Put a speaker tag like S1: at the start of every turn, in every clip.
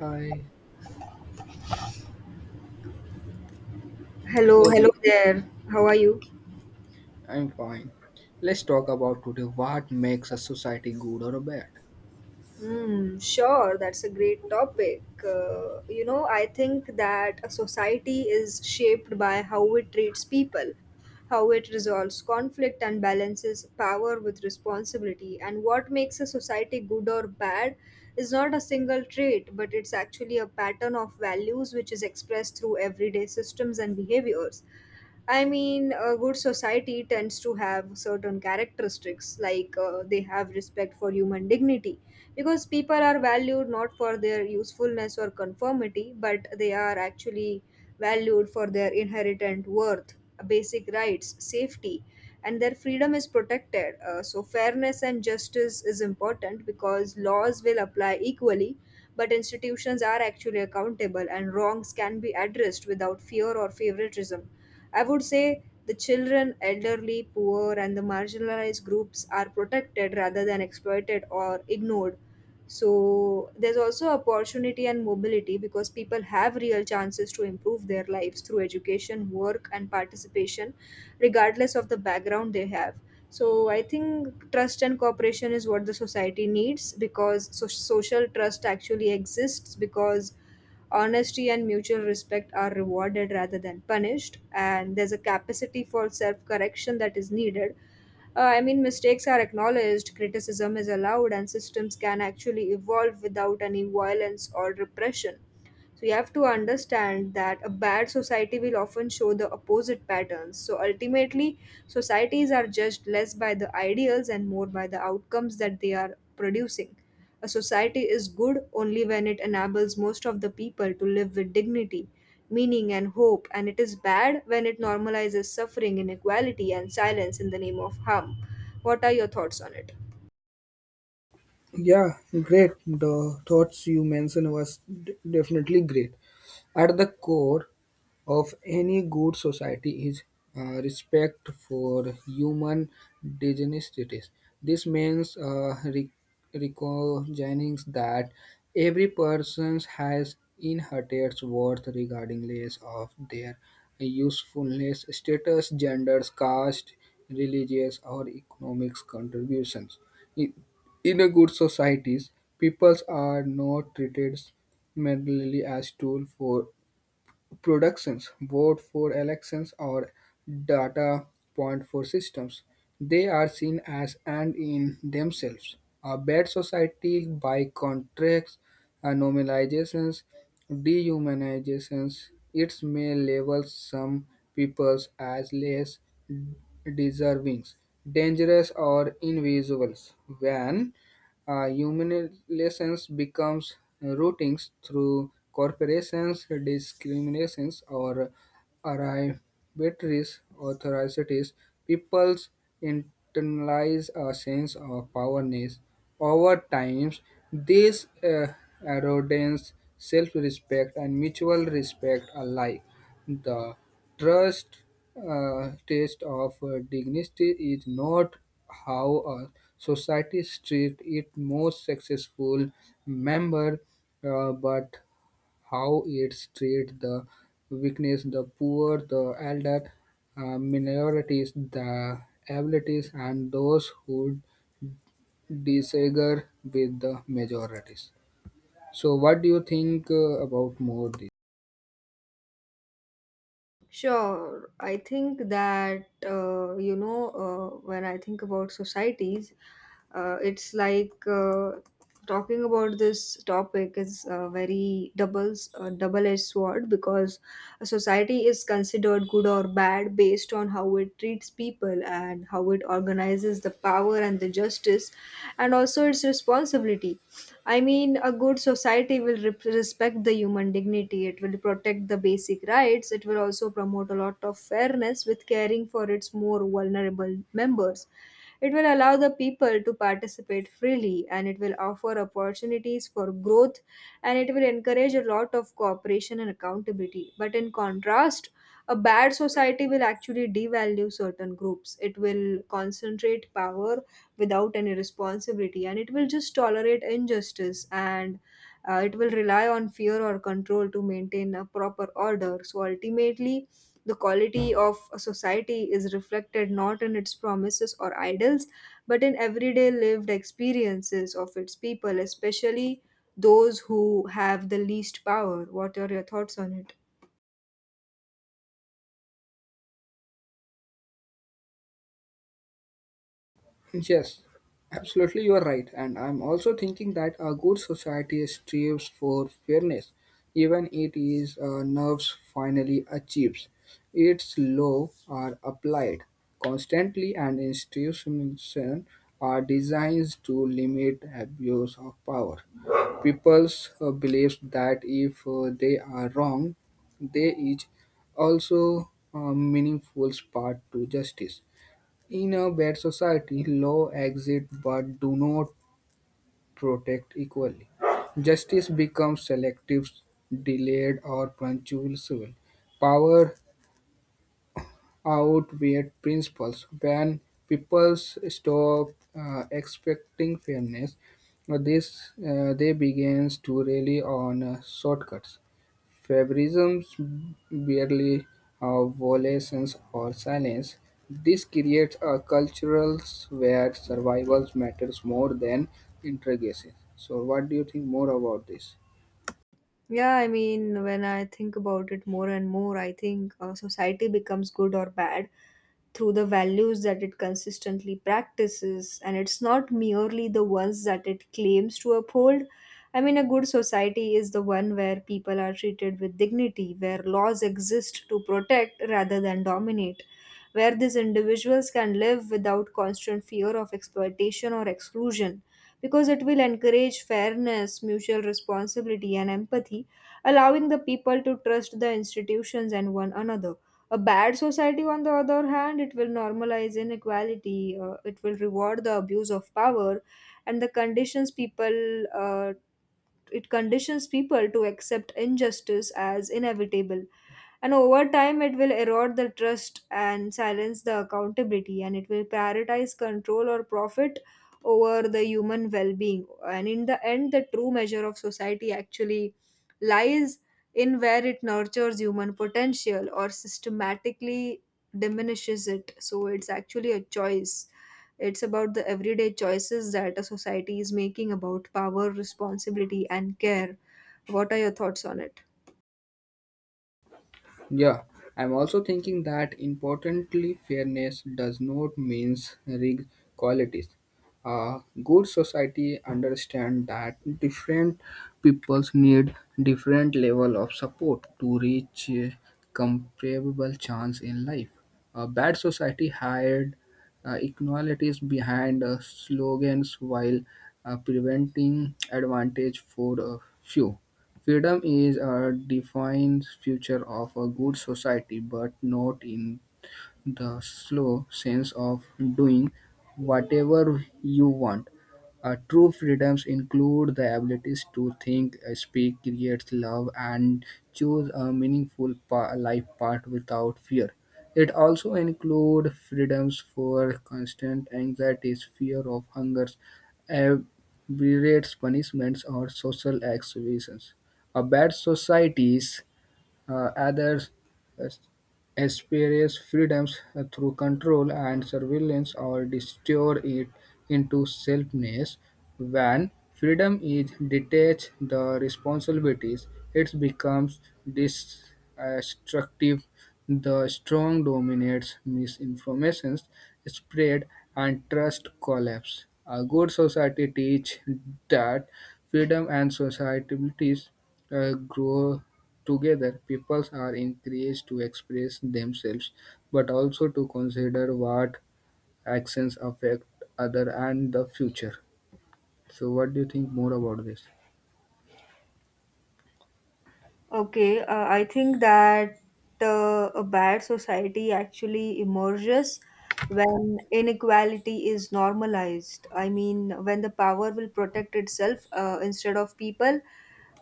S1: Hi,
S2: Hello,
S1: how
S2: hello there. How are you?
S1: I'm fine. Let's talk about today what makes a society good or bad.
S2: Hmm, sure, that's a great topic. You know, I think that a society is shaped by how it treats people, how it resolves conflict and balances power with responsibility. And what makes a society good or bad is not a single trait, but it's actually a pattern of values which is expressed through everyday systems and behaviors. I mean, a good society tends to have certain characteristics, like they have respect for human dignity, because people are valued not for their usefulness or conformity, but they are actually valued for their inherent worth, basic rights, safety, and their freedom is protected. So, fairness and justice is important because laws will apply equally, but institutions are actually accountable, and wrongs can be addressed without fear or favoritism. I would say the children, elderly, poor, and the marginalized groups are protected rather than exploited or ignored. So there's also opportunity and mobility because people have real chances to improve their lives through education, work, and participation, regardless of the background they have. So I think trust and cooperation is what the society needs because social trust actually exists because honesty and mutual respect are rewarded rather than punished, and there's a capacity for self correction that is needed. I mean, mistakes are acknowledged, criticism is allowed, and systems can actually evolve without any violence or repression. So you have to understand that a bad society will often show the opposite patterns. So ultimately, societies are judged less by the ideals and more by the outcomes that they are producing. A society is good only when it enables most of the people to live with dignity, meaning, and hope, and it is bad when it normalizes suffering, inequality, and silence in the name of harm. What are your thoughts on it?
S1: Yeah, great. The thoughts you mentioned was definitely great. At the core, of any good society is respect for human dignity. This means recognizing that every person has inherent worth regardless of their usefulness, status, gender, caste, religious, or economic contributions. In, in a good societies, peoples are not treated merely as tool for productions vote for elections or data point for systems. They are seen as and in themselves. A bad society, by contrast, normalizations, dehumanizations, it may label some peoples as less deserving, dangerous, or invisible. When humiliations becomes routings through corporations, discriminations, or arbitrary authorities. People's internalize a sense of powerness. Over time, this erodes self-respect and mutual respect alike. The trust test of dignity is not how a society treats its most successful member, but how it treats the weakness, the poor, the elder, minorities, the abilities, and those who disagree with the majorities. So, what do you think about more?
S2: Sure, I think that when I think about societies, it's like talking about this topic is a very doubles double-edged sword because a society is considered good or bad based on how it treats people and how it organizes the power and the justice, and also its responsibility. I mean, a good society will rep respect the human dignity. It will protect the basic rights. It will also promote a lot of fairness with caring for its more vulnerable members. It will allow the people to participate freely and it will offer opportunities for growth, and it will encourage a lot of cooperation and accountability. But in contrast, a bad society will actually devalue certain groups. It will concentrate power without any responsibility, and it will just tolerate injustice, and it will rely on fear or control to maintain a proper order. So ultimately, the quality of a society is reflected not in its promises or ideals, but in everyday lived experiences of its people, especially those who have the least power. What are your thoughts on it?
S1: Yes, absolutely, you are right. And I'm also thinking that a good society strives for fairness, even it is nerves finally achieves. Its law are applied constantly, and institutions are designed to limit abuse of power. People's beliefs that if they are wrong, they is also a meaningful part to justice. In a bad society, laws exist but do not protect equally. Justice becomes selective, delayed, or punctual. Power outweighs principles. When people stop expecting fairness, this they begins to rely on shortcuts favorisms barely violations or silence. This creates a cultural where survival matters more than integration. So, what do you think more about this?
S2: Yeah, I mean, when I think about it more and more, I think society becomes good or bad through the values that it consistently practices, and it's not merely the ones that it claims to uphold. I mean, a good society is the one where people are treated with dignity, where laws exist to protect rather than dominate, where these individuals can live without constant fear of exploitation or exclusion, because it will encourage fairness, mutual responsibility, and empathy, allowing the people to trust the institutions and one another. A bad society, on the other hand, it will normalize inequality, it will reward the abuse of power, and the conditions people it conditions people to accept injustice as inevitable, and over time, it will erode the trust and silence the accountability, and it will prioritize control or profit over the human well being. And in the end, the true measure of society actually lies in where it nurtures human potential or systematically diminishes it. So it's actually a choice. It's about the everyday choices that a society is making about power, responsibility, and care. What are your thoughts on it?
S1: Yeah, I'm also thinking that importantly, fairness does not means rigged qualities. A good society understand that different peoples need different level of support to reach a comparable chance in life. A bad society hide inequalities behind slogans while preventing advantage for a few. Freedom is a defined feature of a good society, but not in the slow sense of doing whatever you want. True freedoms include the abilities to think, speak, create, love, and choose a meaningful life path without fear. It also includes freedoms for constant anxieties, fear of hungers, aberrates punishments, or social exclusions. A bad societies others uh, experience freedoms through control and surveillance or distort it into selfness. When freedom is detached the responsibilities, it becomes destructive. The strong dominates misinformation spread and trust collapse. A good society teach that freedom and societies grow together, peoples are encouraged to express themselves, but also to consider what actions affect other and the future. So, what do you think more about this?
S2: Okay, I think that a bad society actually emerges when inequality is normalized. I mean, when the power will protect itself instead of people,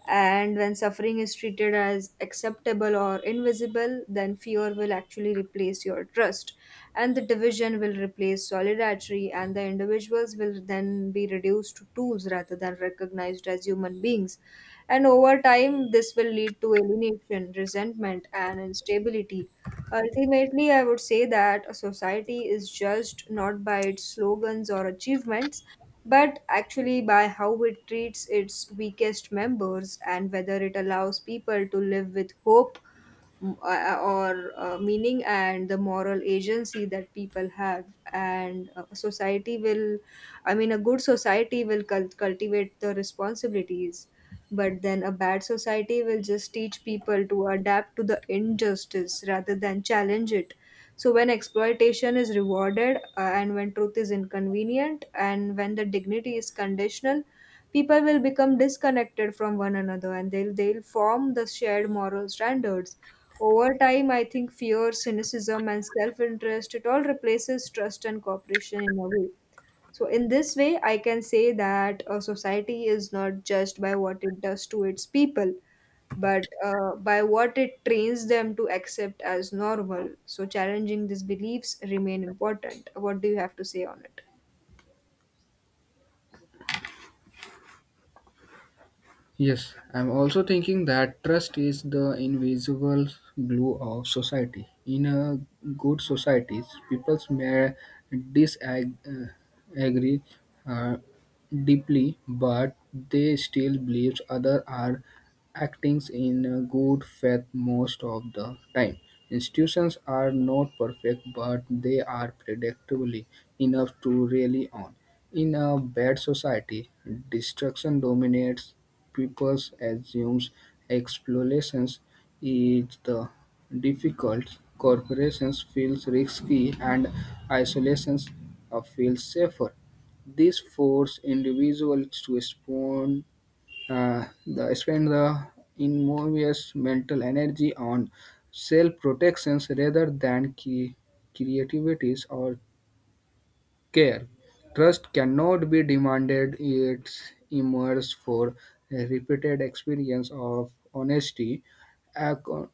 S2: and when suffering is treated as acceptable or invisible, then fear will actually replace your trust, and the division will replace solidarity, and the individuals will then be reduced to tools rather than recognized as human beings. And over time, this will lead to alienation, resentment, and instability. Ultimately, I would say that a society is judged not by its slogans or achievements, but actually by how it treats its weakest members, and whether it allows people to live with hope, or meaning, and the moral agency that people have. And uh, society will i mean a good society will cultivate the responsibilities, but then a bad society will just teach people to adapt to the injustice rather than challenge it. So when exploitation is rewarded, and when truth is inconvenient, and when the dignity is conditional, people will become disconnected from one another, and they'll form the shared moral standards. Over time, I think fear, cynicism, and self interest, it all replaces trust and cooperation in a way. So, in this way, I can say that a society is not judged by what it does to its people, but by what it trains them to accept as normal. So, challenging these beliefs remain important. What do you have to say on it?
S1: Yes, I'm also thinking that trust is the invisible glue of society. In a good society, people may disagree uh, deeply, but they still believe others are acting in a good faith most of the time. Institutions are not perfect, but they are predictably enough to rely on. In a bad society, destruction dominates peppers assumes exploration is the difficult, corporations feels risky, and isolation feels safer. This forces individuals to spend the enormous mental energy on self protections rather than creativity or care. Trust cannot be demanded, it emerges for a repeated experience of honesty, account-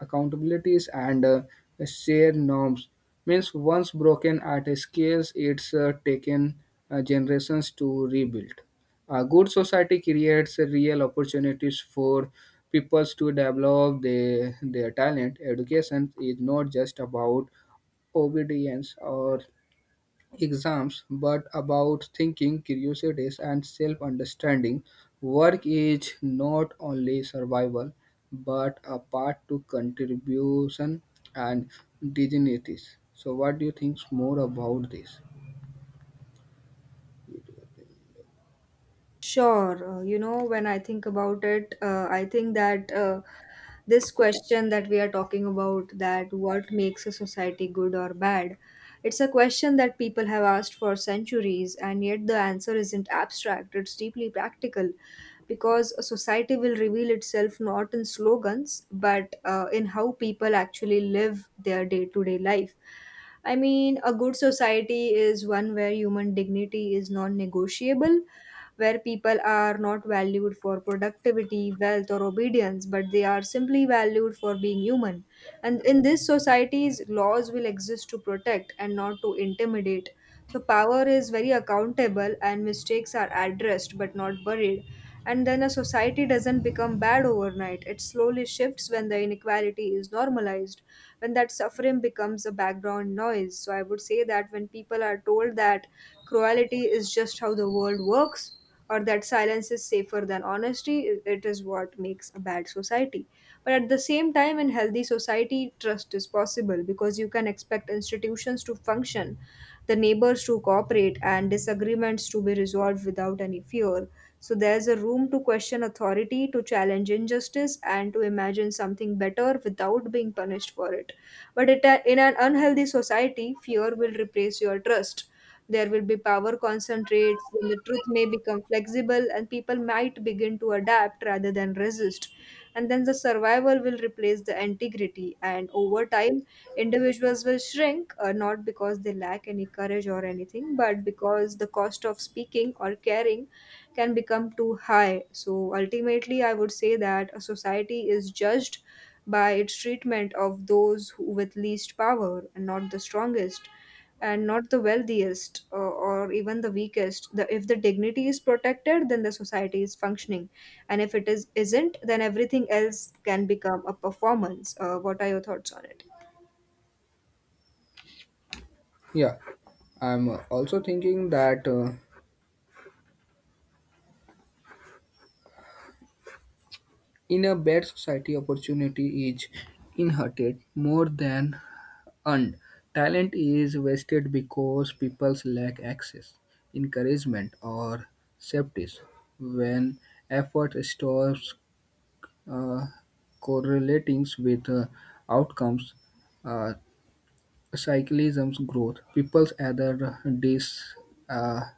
S1: accountabilities, and shared norms. Means once broken at a scale, it's taken generations to rebuild. A good society creates real opportunities for people to develop their talent. Education is not just about obedience or exams, but about thinking, curiosities, and self understanding. Work is not only survival, but a path to contribution and dignities. So, what do you think more about this?
S2: Sure. You know, when I think about it, I think that this question that we are talking about, that what makes a society good or bad, it's a question that people have asked for centuries, and yet the answer isn't abstract, it's deeply practical because a society will reveal itself not in slogans, but in how people actually live their day to day life. I mean, a good society is one where human dignity is non negotiable, where people are not valued for productivity, wealth, or obedience, but they are simply valued for being human. And in this societies, laws will exist to protect and not to intimidate. So power is very accountable, and mistakes are addressed but not buried. And then a society doesn't become bad overnight. It slowly shifts when the inequality is normalized, when that suffering becomes a background noise. So I would say that when people are told that cruelty is just how the world works, or that silence is safer than honesty, it is what makes a bad society. But at the same time, in healthy society, trust is possible because you can expect institutions to function, the neighbors to cooperate, and disagreements to be resolved without any fear. So there's a room to question authority, to challenge injustice, and to imagine something better without being punished for it. But it, in an unhealthy society, fear will replace your trust, there will be power concentrates, and the truth may become flexible, and people might begin to adapt rather than resist. And then the survival will replace the integrity, and over time, individuals will shrink, not because they lack any courage or anything, but because the cost of speaking or caring can become too high. So ultimately, I would say that a society is judged by its treatment of those who with least power, and not the strongest, and not the wealthiest, or even the weakest. If the dignity is protected, then the society is functioning, and if it is isn't, then everything else can become a performance. What are your thoughts on it?
S1: Yeah, I'm also thinking that in a bad society, opportunity is inherited more than and talent is wasted because people lack access, encouragement, or safety. When effort stops uh, correlating with outcomes, uh, cyclism's growth, people either disengage or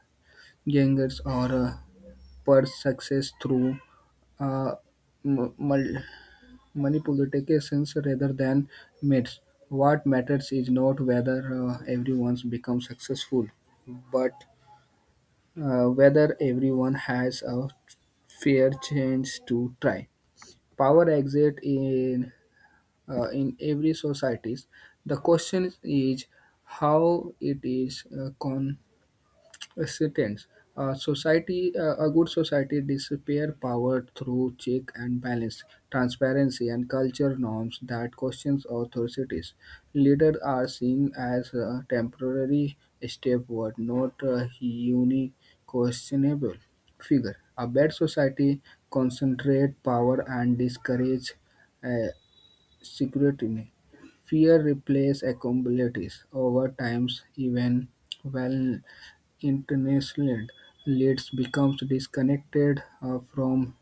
S1: uh, pursue success through uh, m- mul- money politicians rather than myths. What matters is not whether everyone becomes successful, but whether everyone has a fair chance to try. Power exit in every societies. The question is how it is sentence. A good society disappear power through check and balance, transparency, and culture norms that questions authorities. Leaders are seen as a temporary stepward, not a questionable figure. A bad society concentrate power and discourage uh, scrutiny. Fear replaces accountabilities over times, even well international leads becomes disconnected from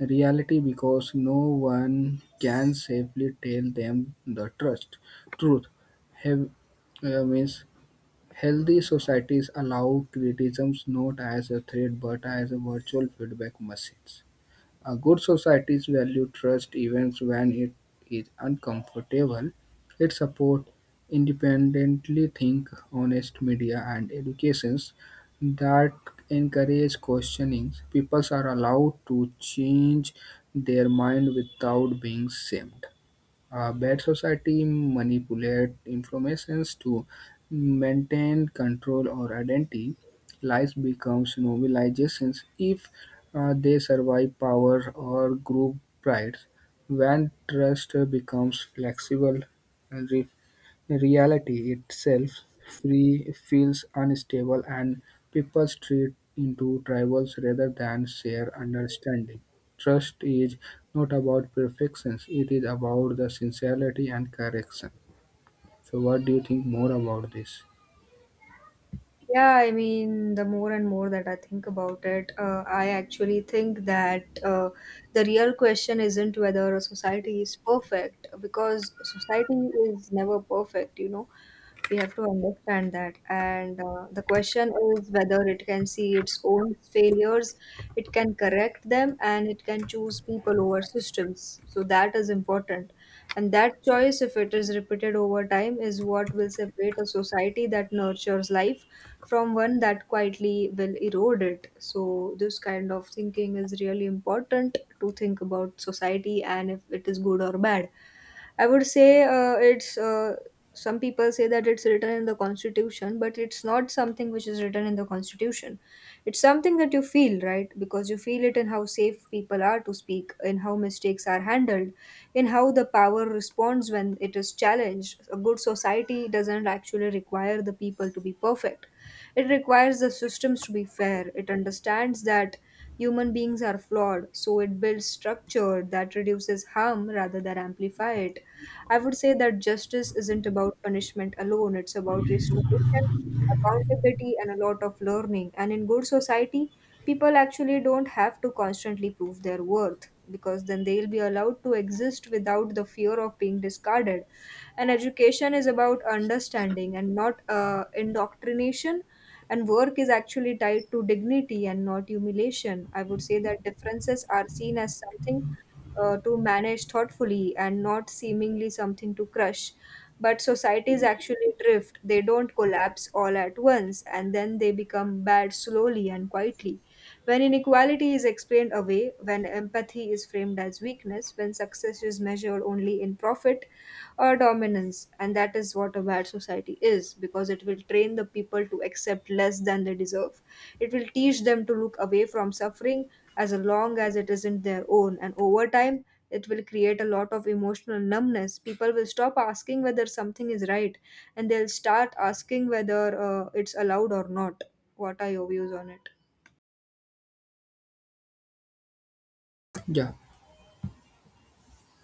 S1: reality because no one can safely tell them the trust truth. Have, means healthy societies allow criticisms not as a threat but as a virtual feedback machines. A good societies value trust even when it is uncomfortable. It supports independently think, honest media and educations that encourage questioning. People are allowed to change their mind without being shamed. A bad society manipulates informations to maintain control or identity. Lies becomes novelizations if they survive power or group pride. When trust becomes flexible, re- reality itself free feels unstable and people treat into tribals rather than share understanding. Trust is not about perfections. It is about the sincerity and correction. So, what do you think more about this?
S2: Yeah, I mean, the more and more that I think about it, I actually think that the real question isn't whether a society is perfect, because society is never perfect, you know. We have to understand that. And the question is whether it can see its own failures, it can correct them, and it can choose people over systems. So that is important. And that choice, if it is repeated over time, is what will separate a society that nurtures life from one that quietly will erode it. So, this kind of thinking is really important to think about society and if it is good or bad. I would say it's some people say that it's written in the constitution, but it's not something which is written in the constitution. It's something that you feel, right? Because you feel it in how safe people are to speak, in how mistakes are handled, in how the power responds when it is challenged. A good society doesn't actually require the people to be perfect. It requires the systems to be fair. It understands that human beings are flawed, so it builds structure that reduces harm rather than amplify it. I would say that justice isn't about punishment alone, it's about restoration, accountability, and a lot of learning. And in good society, people actually don't have to constantly prove their worth because then they'll be allowed to exist without the fear of being discarded. And education is about understanding and not indoctrination. And work is actually tied to dignity and not humiliation. I would say that differences are seen as something to manage thoughtfully and not seemingly something to crush. But societies actually drift, they don't collapse all at once, and then they become bad slowly and quietly. When inequality is explained away, when empathy is framed as weakness, when success is measured only in profit or dominance. And that is what a bad society is, because it will train the people to accept less than they deserve. It will teach them to look away from suffering as long as it isn't their own. And over time it will create a lot of emotional numbness. People will stop asking whether something is right, and they'll start asking whether it's allowed or not. What are your views on it?
S1: Yeah,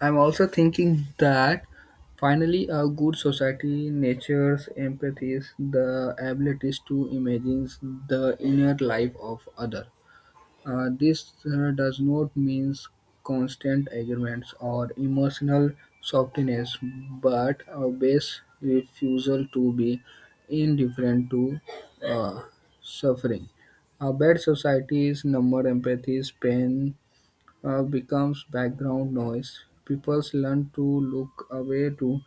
S1: I'm also thinking that finally a good society nurtures empathy, the abilities to imagine the inner life of other. This does not mean constant agreements or emotional softness, but a base refusal to be indifferent to uh, suffering. A bad society is number empathy, pain, becomes background noise, people learn to look away to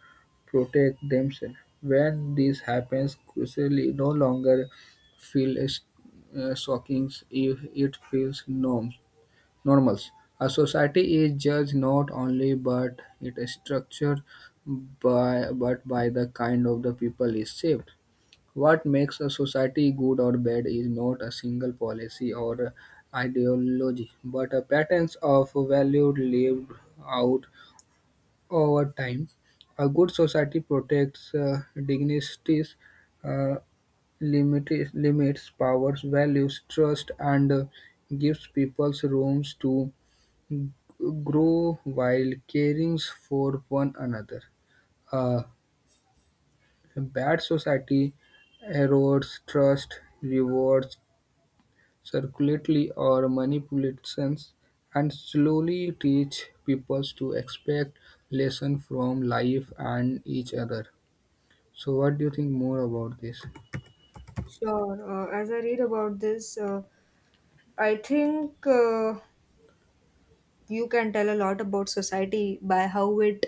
S1: protect themselves. When this happens, crucially, no longer feel shocking if it feels normal. A society is judged not only but it is structured by but by the kind of the people is shaped. What makes a society good or bad is not a single policy or ideology, but a patterns of value lived out over time. A good society protects dignities, uh, limits powers, values, trust, and gives people rooms to g- grow while caring for one another. A bad society erodes trust, rewards circulately or manipulations, and slowly teach people to expect lesson from life and each other. So, what do you think more about this?
S2: Sure. As I read about this. I think you can tell a lot about society by how it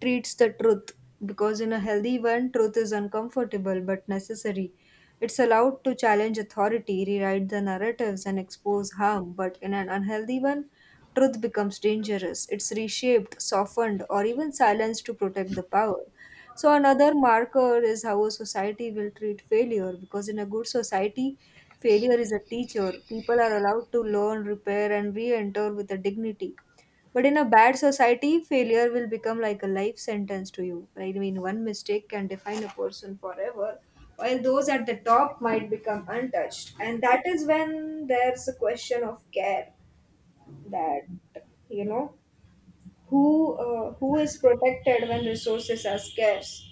S2: treats the truth, because in a healthy one truth is uncomfortable but necessary. It's allowed to challenge authority, rewrite the narratives, and expose harm. But in an unhealthy one, truth becomes dangerous. It's reshaped, softened, or even silenced to protect the power. So another marker is how a society will treat failure, because in a good society failure is a teacher. People are allowed to learn, repair, and re enter with a dignity. But in a bad society, failure will become like a life sentence to you. Right? I mean, one mistake can define a person forever, while those at the top might become untouched. And that is when there's a question of care, that, you know, who is protected when resources are scarce?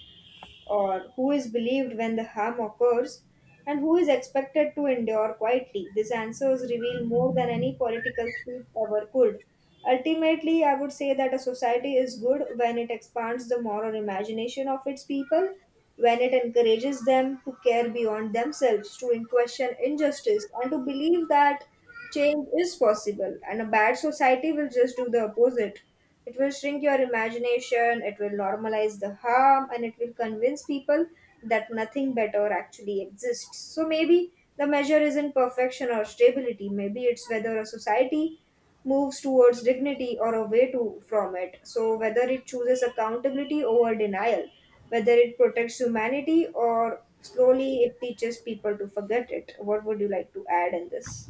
S2: Or who is believed when the harm occurs, and who is expected to endure quietly. These answers reveal more than any political speech ever could. Ultimately, I would say that a society is good when it expands the moral imagination of its people, when it encourages them to care beyond themselves, to question injustice, and to believe that change is possible. And a bad society will just do the opposite. It will shrink your imagination, it will normalize the harm, and it will convince people that nothing better actually exists. So maybe the measure isn't perfection or stability, maybe it's whether a society moves towards dignity or from it. So, whether it chooses accountability over denial, whether it protects humanity or slowly it teaches people to forget it. What would you like to add in this?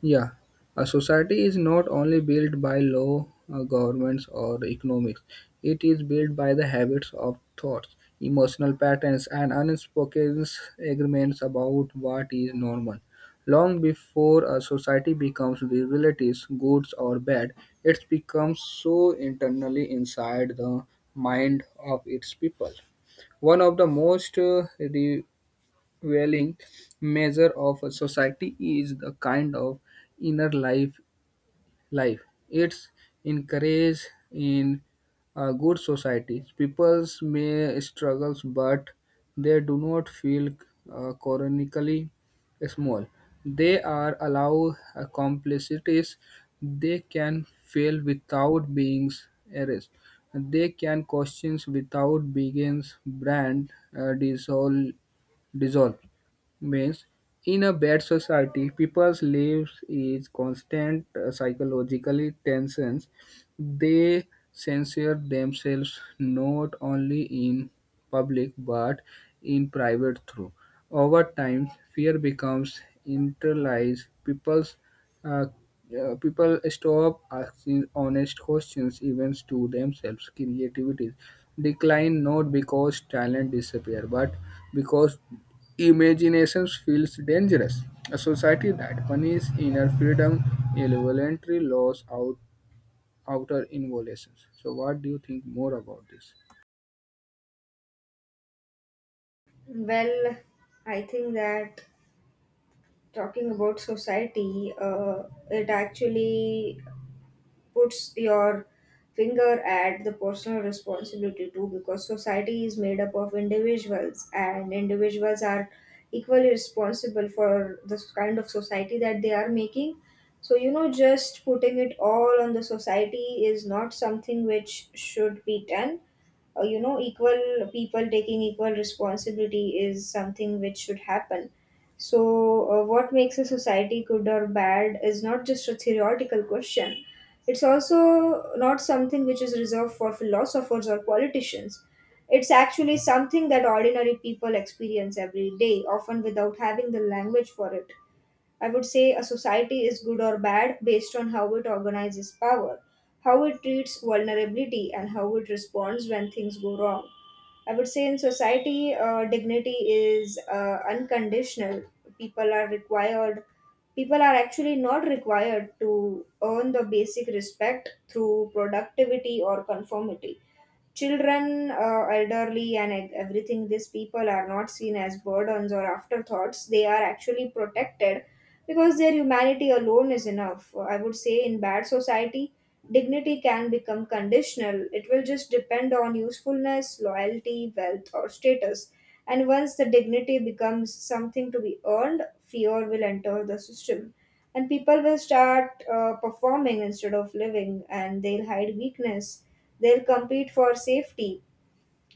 S1: Yeah, a society is not only built by law, governments, or economics. It is built by the habits of thoughts, emotional patterns, and unspoken agreements about what is normal. Long before a society becomes relatives, good or bad, it becomes so internally inside the mind of its people. One of the most prevailing measure of a society is the kind of inner life. It's encouraged in a good society. People may struggle, but they do not feel chronically small. They are allowed complexities. They can fail without being erased. They can question without being brand dissolve. Dissolve means in a bad society, people's lives is constant psychological tensions. They censor themselves not only in public but in private too. Over time, fear becomes internalized. Uh, people stop asking honest questions, even to themselves. Creativity decline not because talent disappear, but because imagination feels dangerous. A society that punishes inner freedom, involuntary laws, outer involutions. So, what do you think more about this?
S2: Well, I think that talking about society, it actually puts your finger at the personal responsibility too, because society is made up of individuals, and individuals are equally responsible for the kind of society that they are making. So, you know, just putting it all on the society is not something which should be done. You know, equal people taking equal responsibility is something which should happen. So, what makes a society good or bad is not just a theoretical question. It's also not something which is reserved for philosophers or politicians. It's actually something that ordinary people experience every day, often without having the language for it. I would say a society is good or bad based on how it organizes power, how it treats vulnerability, and how it responds when things go wrong. I would say in society, dignity is unconditional. People are required, People are actually not required to earn the basic respect through productivity or conformity. Children, elderly, and everything, these people are not seen as burdens or afterthoughts. They are actually protected because their humanity alone is enough. I would say in bad society, dignity can become conditional. It will just depend on usefulness, loyalty, wealth, or status. And once the dignity becomes something to be earned, fear will enter the system. And people will start performing instead of living, and they'll hide weakness. They'll compete for safety.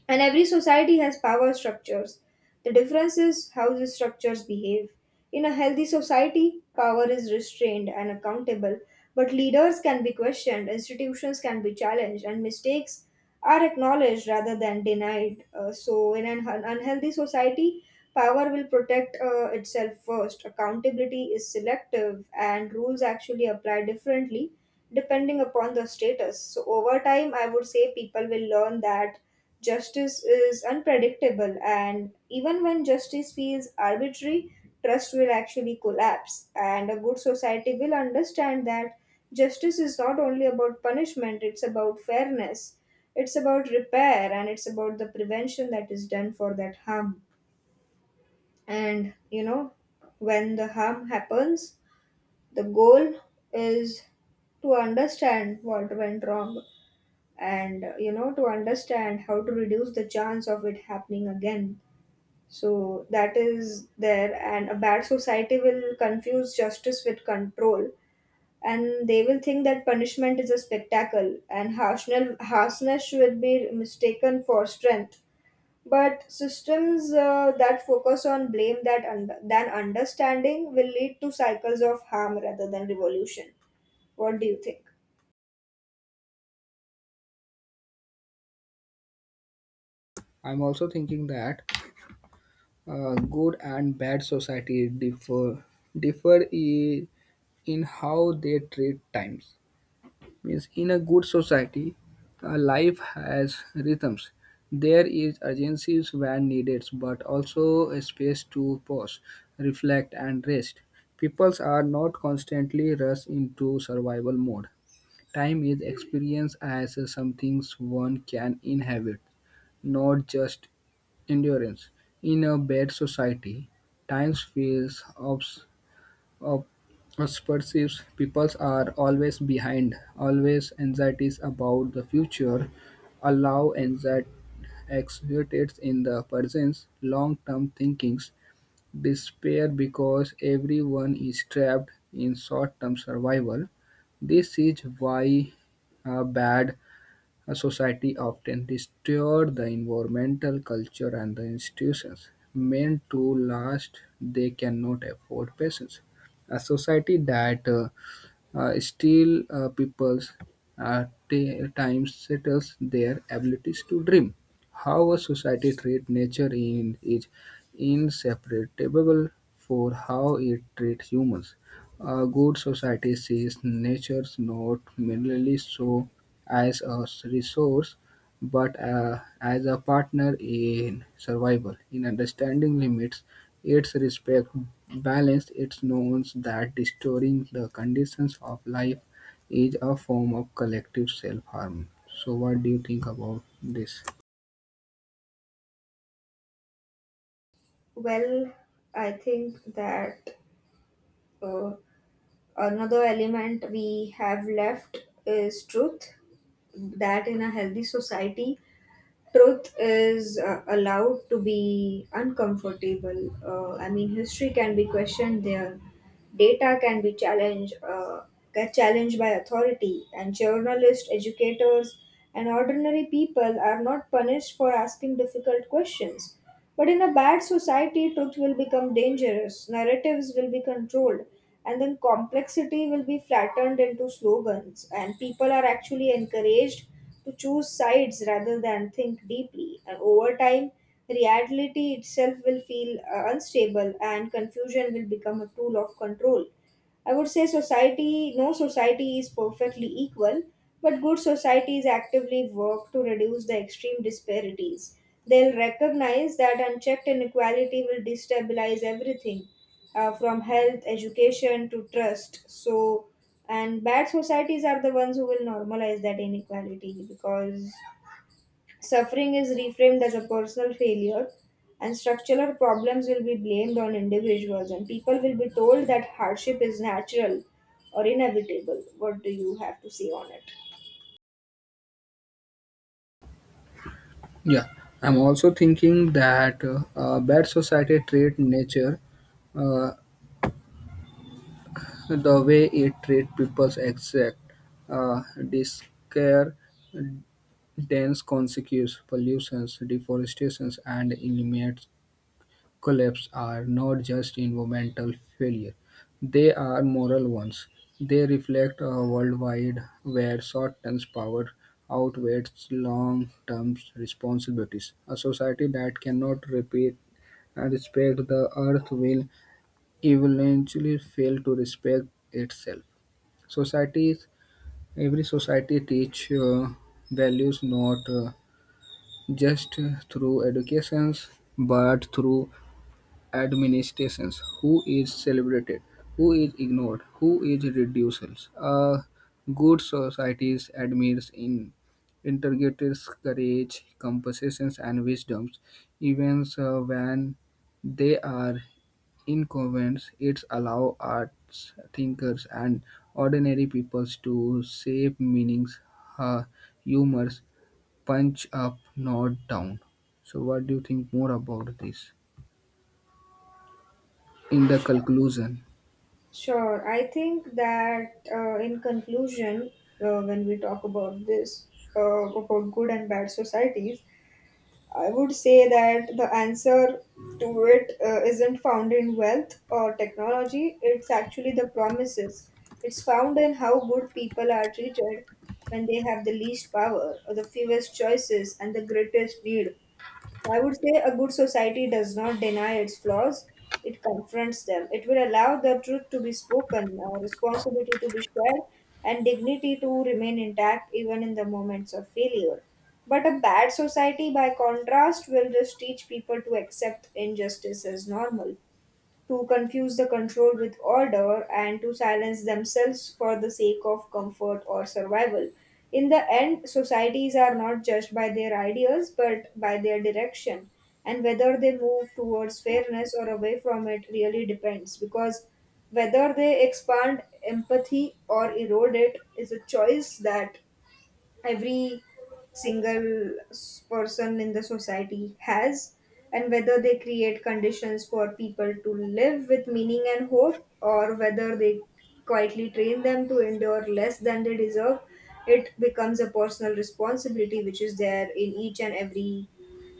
S2: And every society has power structures. The difference is how these structures behave. In a healthy society, power is restrained and accountable, but leaders can be questioned, institutions can be challenged, and mistakes are acknowledged rather than denied. So, in an unhealthy society, power will protect itself first. Accountability is selective, and rules actually apply differently depending upon the status. So, over time, I would say people will learn that justice is unpredictable, and even when justice feels arbitrary, trust will actually collapse. And a good society will understand that justice is not only about punishment, it's about fairness, it's about repair, and it's about the prevention that is done for that harm. And you know, when the harm happens, the goal is to understand what went wrong and you know, to understand how to reduce the chance of it happening again. So that is there. And a bad society will confuse justice with control, and they will think that punishment is a spectacle, and harshness will be mistaken for strength. But systems that focus on blame than understanding will lead to cycles of harm rather than revolution. What do you think?
S1: I'm also thinking that good and bad society differ in how they treat times. Means in a good society life has rhythms. There is urgency when needed, but also a space to pause, reflect, and rest. Peoples are not constantly rushed into survival mode. Time is experienced as something one can inhabit, not just endurance. In a bad society, time feels uh, us perceives, people are always behind, always anxieties about the future, allow anxiety exacerbates in the person's long-term thinkings, despair because everyone is trapped in short-term survival. This is why bad a society often distorts the environmental culture and the institutions. Meant to last, they cannot afford patience. A society that still, people's time settles their abilities to dream. How a society treats nature is inseparable for how it treats humans. A good society sees nature not merely so as a resource, but as a partner in survival, in understanding limits its respect balanced its norms that distorting the conditions of life is a form of collective self-harm. So, what do you think about this?
S2: Well, I think that uh, another element we have left is truth. That in a healthy society, truth is allowed to be uncomfortable. I mean, history can be questioned there, data can be challenged, get challenged by authority, and journalists, educators, and ordinary people are not punished for asking difficult questions. But in a bad society, truth will become dangerous, narratives will be controlled, and then complexity will be flattened into slogans, and people are actually encouraged to choose sides rather than think deeply. And over time, reality itself will feel unstable, and confusion will become a tool of control. I would say no society is perfectly equal, but good societies actively work to reduce the extreme disparities. They'll recognize that unchecked inequality will destabilize everything, from health, education to trust. So, and bad societies are the ones who will normalize that inequality, because suffering is reframed as a personal failure, and structural problems will be blamed on individuals, and people will be told that hardship is natural or inevitable. What do you have to say on it?
S1: Yeah, I'm also thinking that bad society treat nature uh, the way it treat people's exact discare dense consequences, pollutions, deforestations, and eliminates collapse are not just environmental failure, they are moral ones. They reflect a worldwide where short term power outweighs long term responsibilities. A society that cannot repeat and respect the earth will eventually fail to respect itself. Societies, every society teach values not just through educations but through administrations, who is celebrated, who is ignored, who is reduced. A good society admires in interrogators courage compensations and wisdoms even when they are inconvenience. It allows arts thinkers and ordinary peoples to shape meanings, uh, humors punch up not down. So, what do you think more about this, in the
S2: Sure.
S1: conclusion?
S2: Sure. I think that in conclusion, when we talk about this, about good and bad societies, I would say that the answer to it isn't found in wealth or technology, it's actually the promises. It's found in how good people are treated when they have the least power or the fewest choices and the greatest need. I would say a good society does not deny its flaws, it confronts them. It will allow the truth to be spoken, responsibility to be shared, and dignity to remain intact even in the moments of failure. But a bad society, by contrast, will just teach people to accept injustice as normal, to confuse the control with order, and to silence themselves for the sake of comfort or survival. In the end, societies are not judged by their ideas but by their direction, and whether they move towards fairness or away from it really depends, because whether they expand empathy or erode it is a choice that every single person in the society has. And whether they create conditions for people to live with meaning and hope, or whether they quietly train them to endure less than they deserve, it becomes a personal responsibility which is there in each and every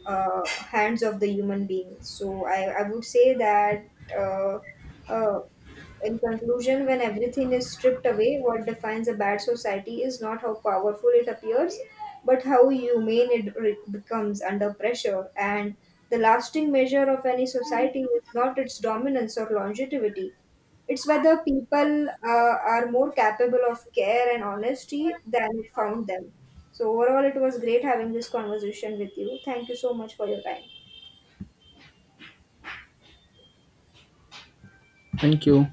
S2: hands of the human being. So I would say that uh, uh, in conclusion, when everything is stripped away, what defines a bad society is not how powerful it appears, but how humane it becomes under pressure. And the lasting measure of any society is not its dominance or longevity. It's whether people are more capable of care and honesty than it found them. So, overall, it was great having this conversation with you. Thank you so much for your time.
S1: Thank you.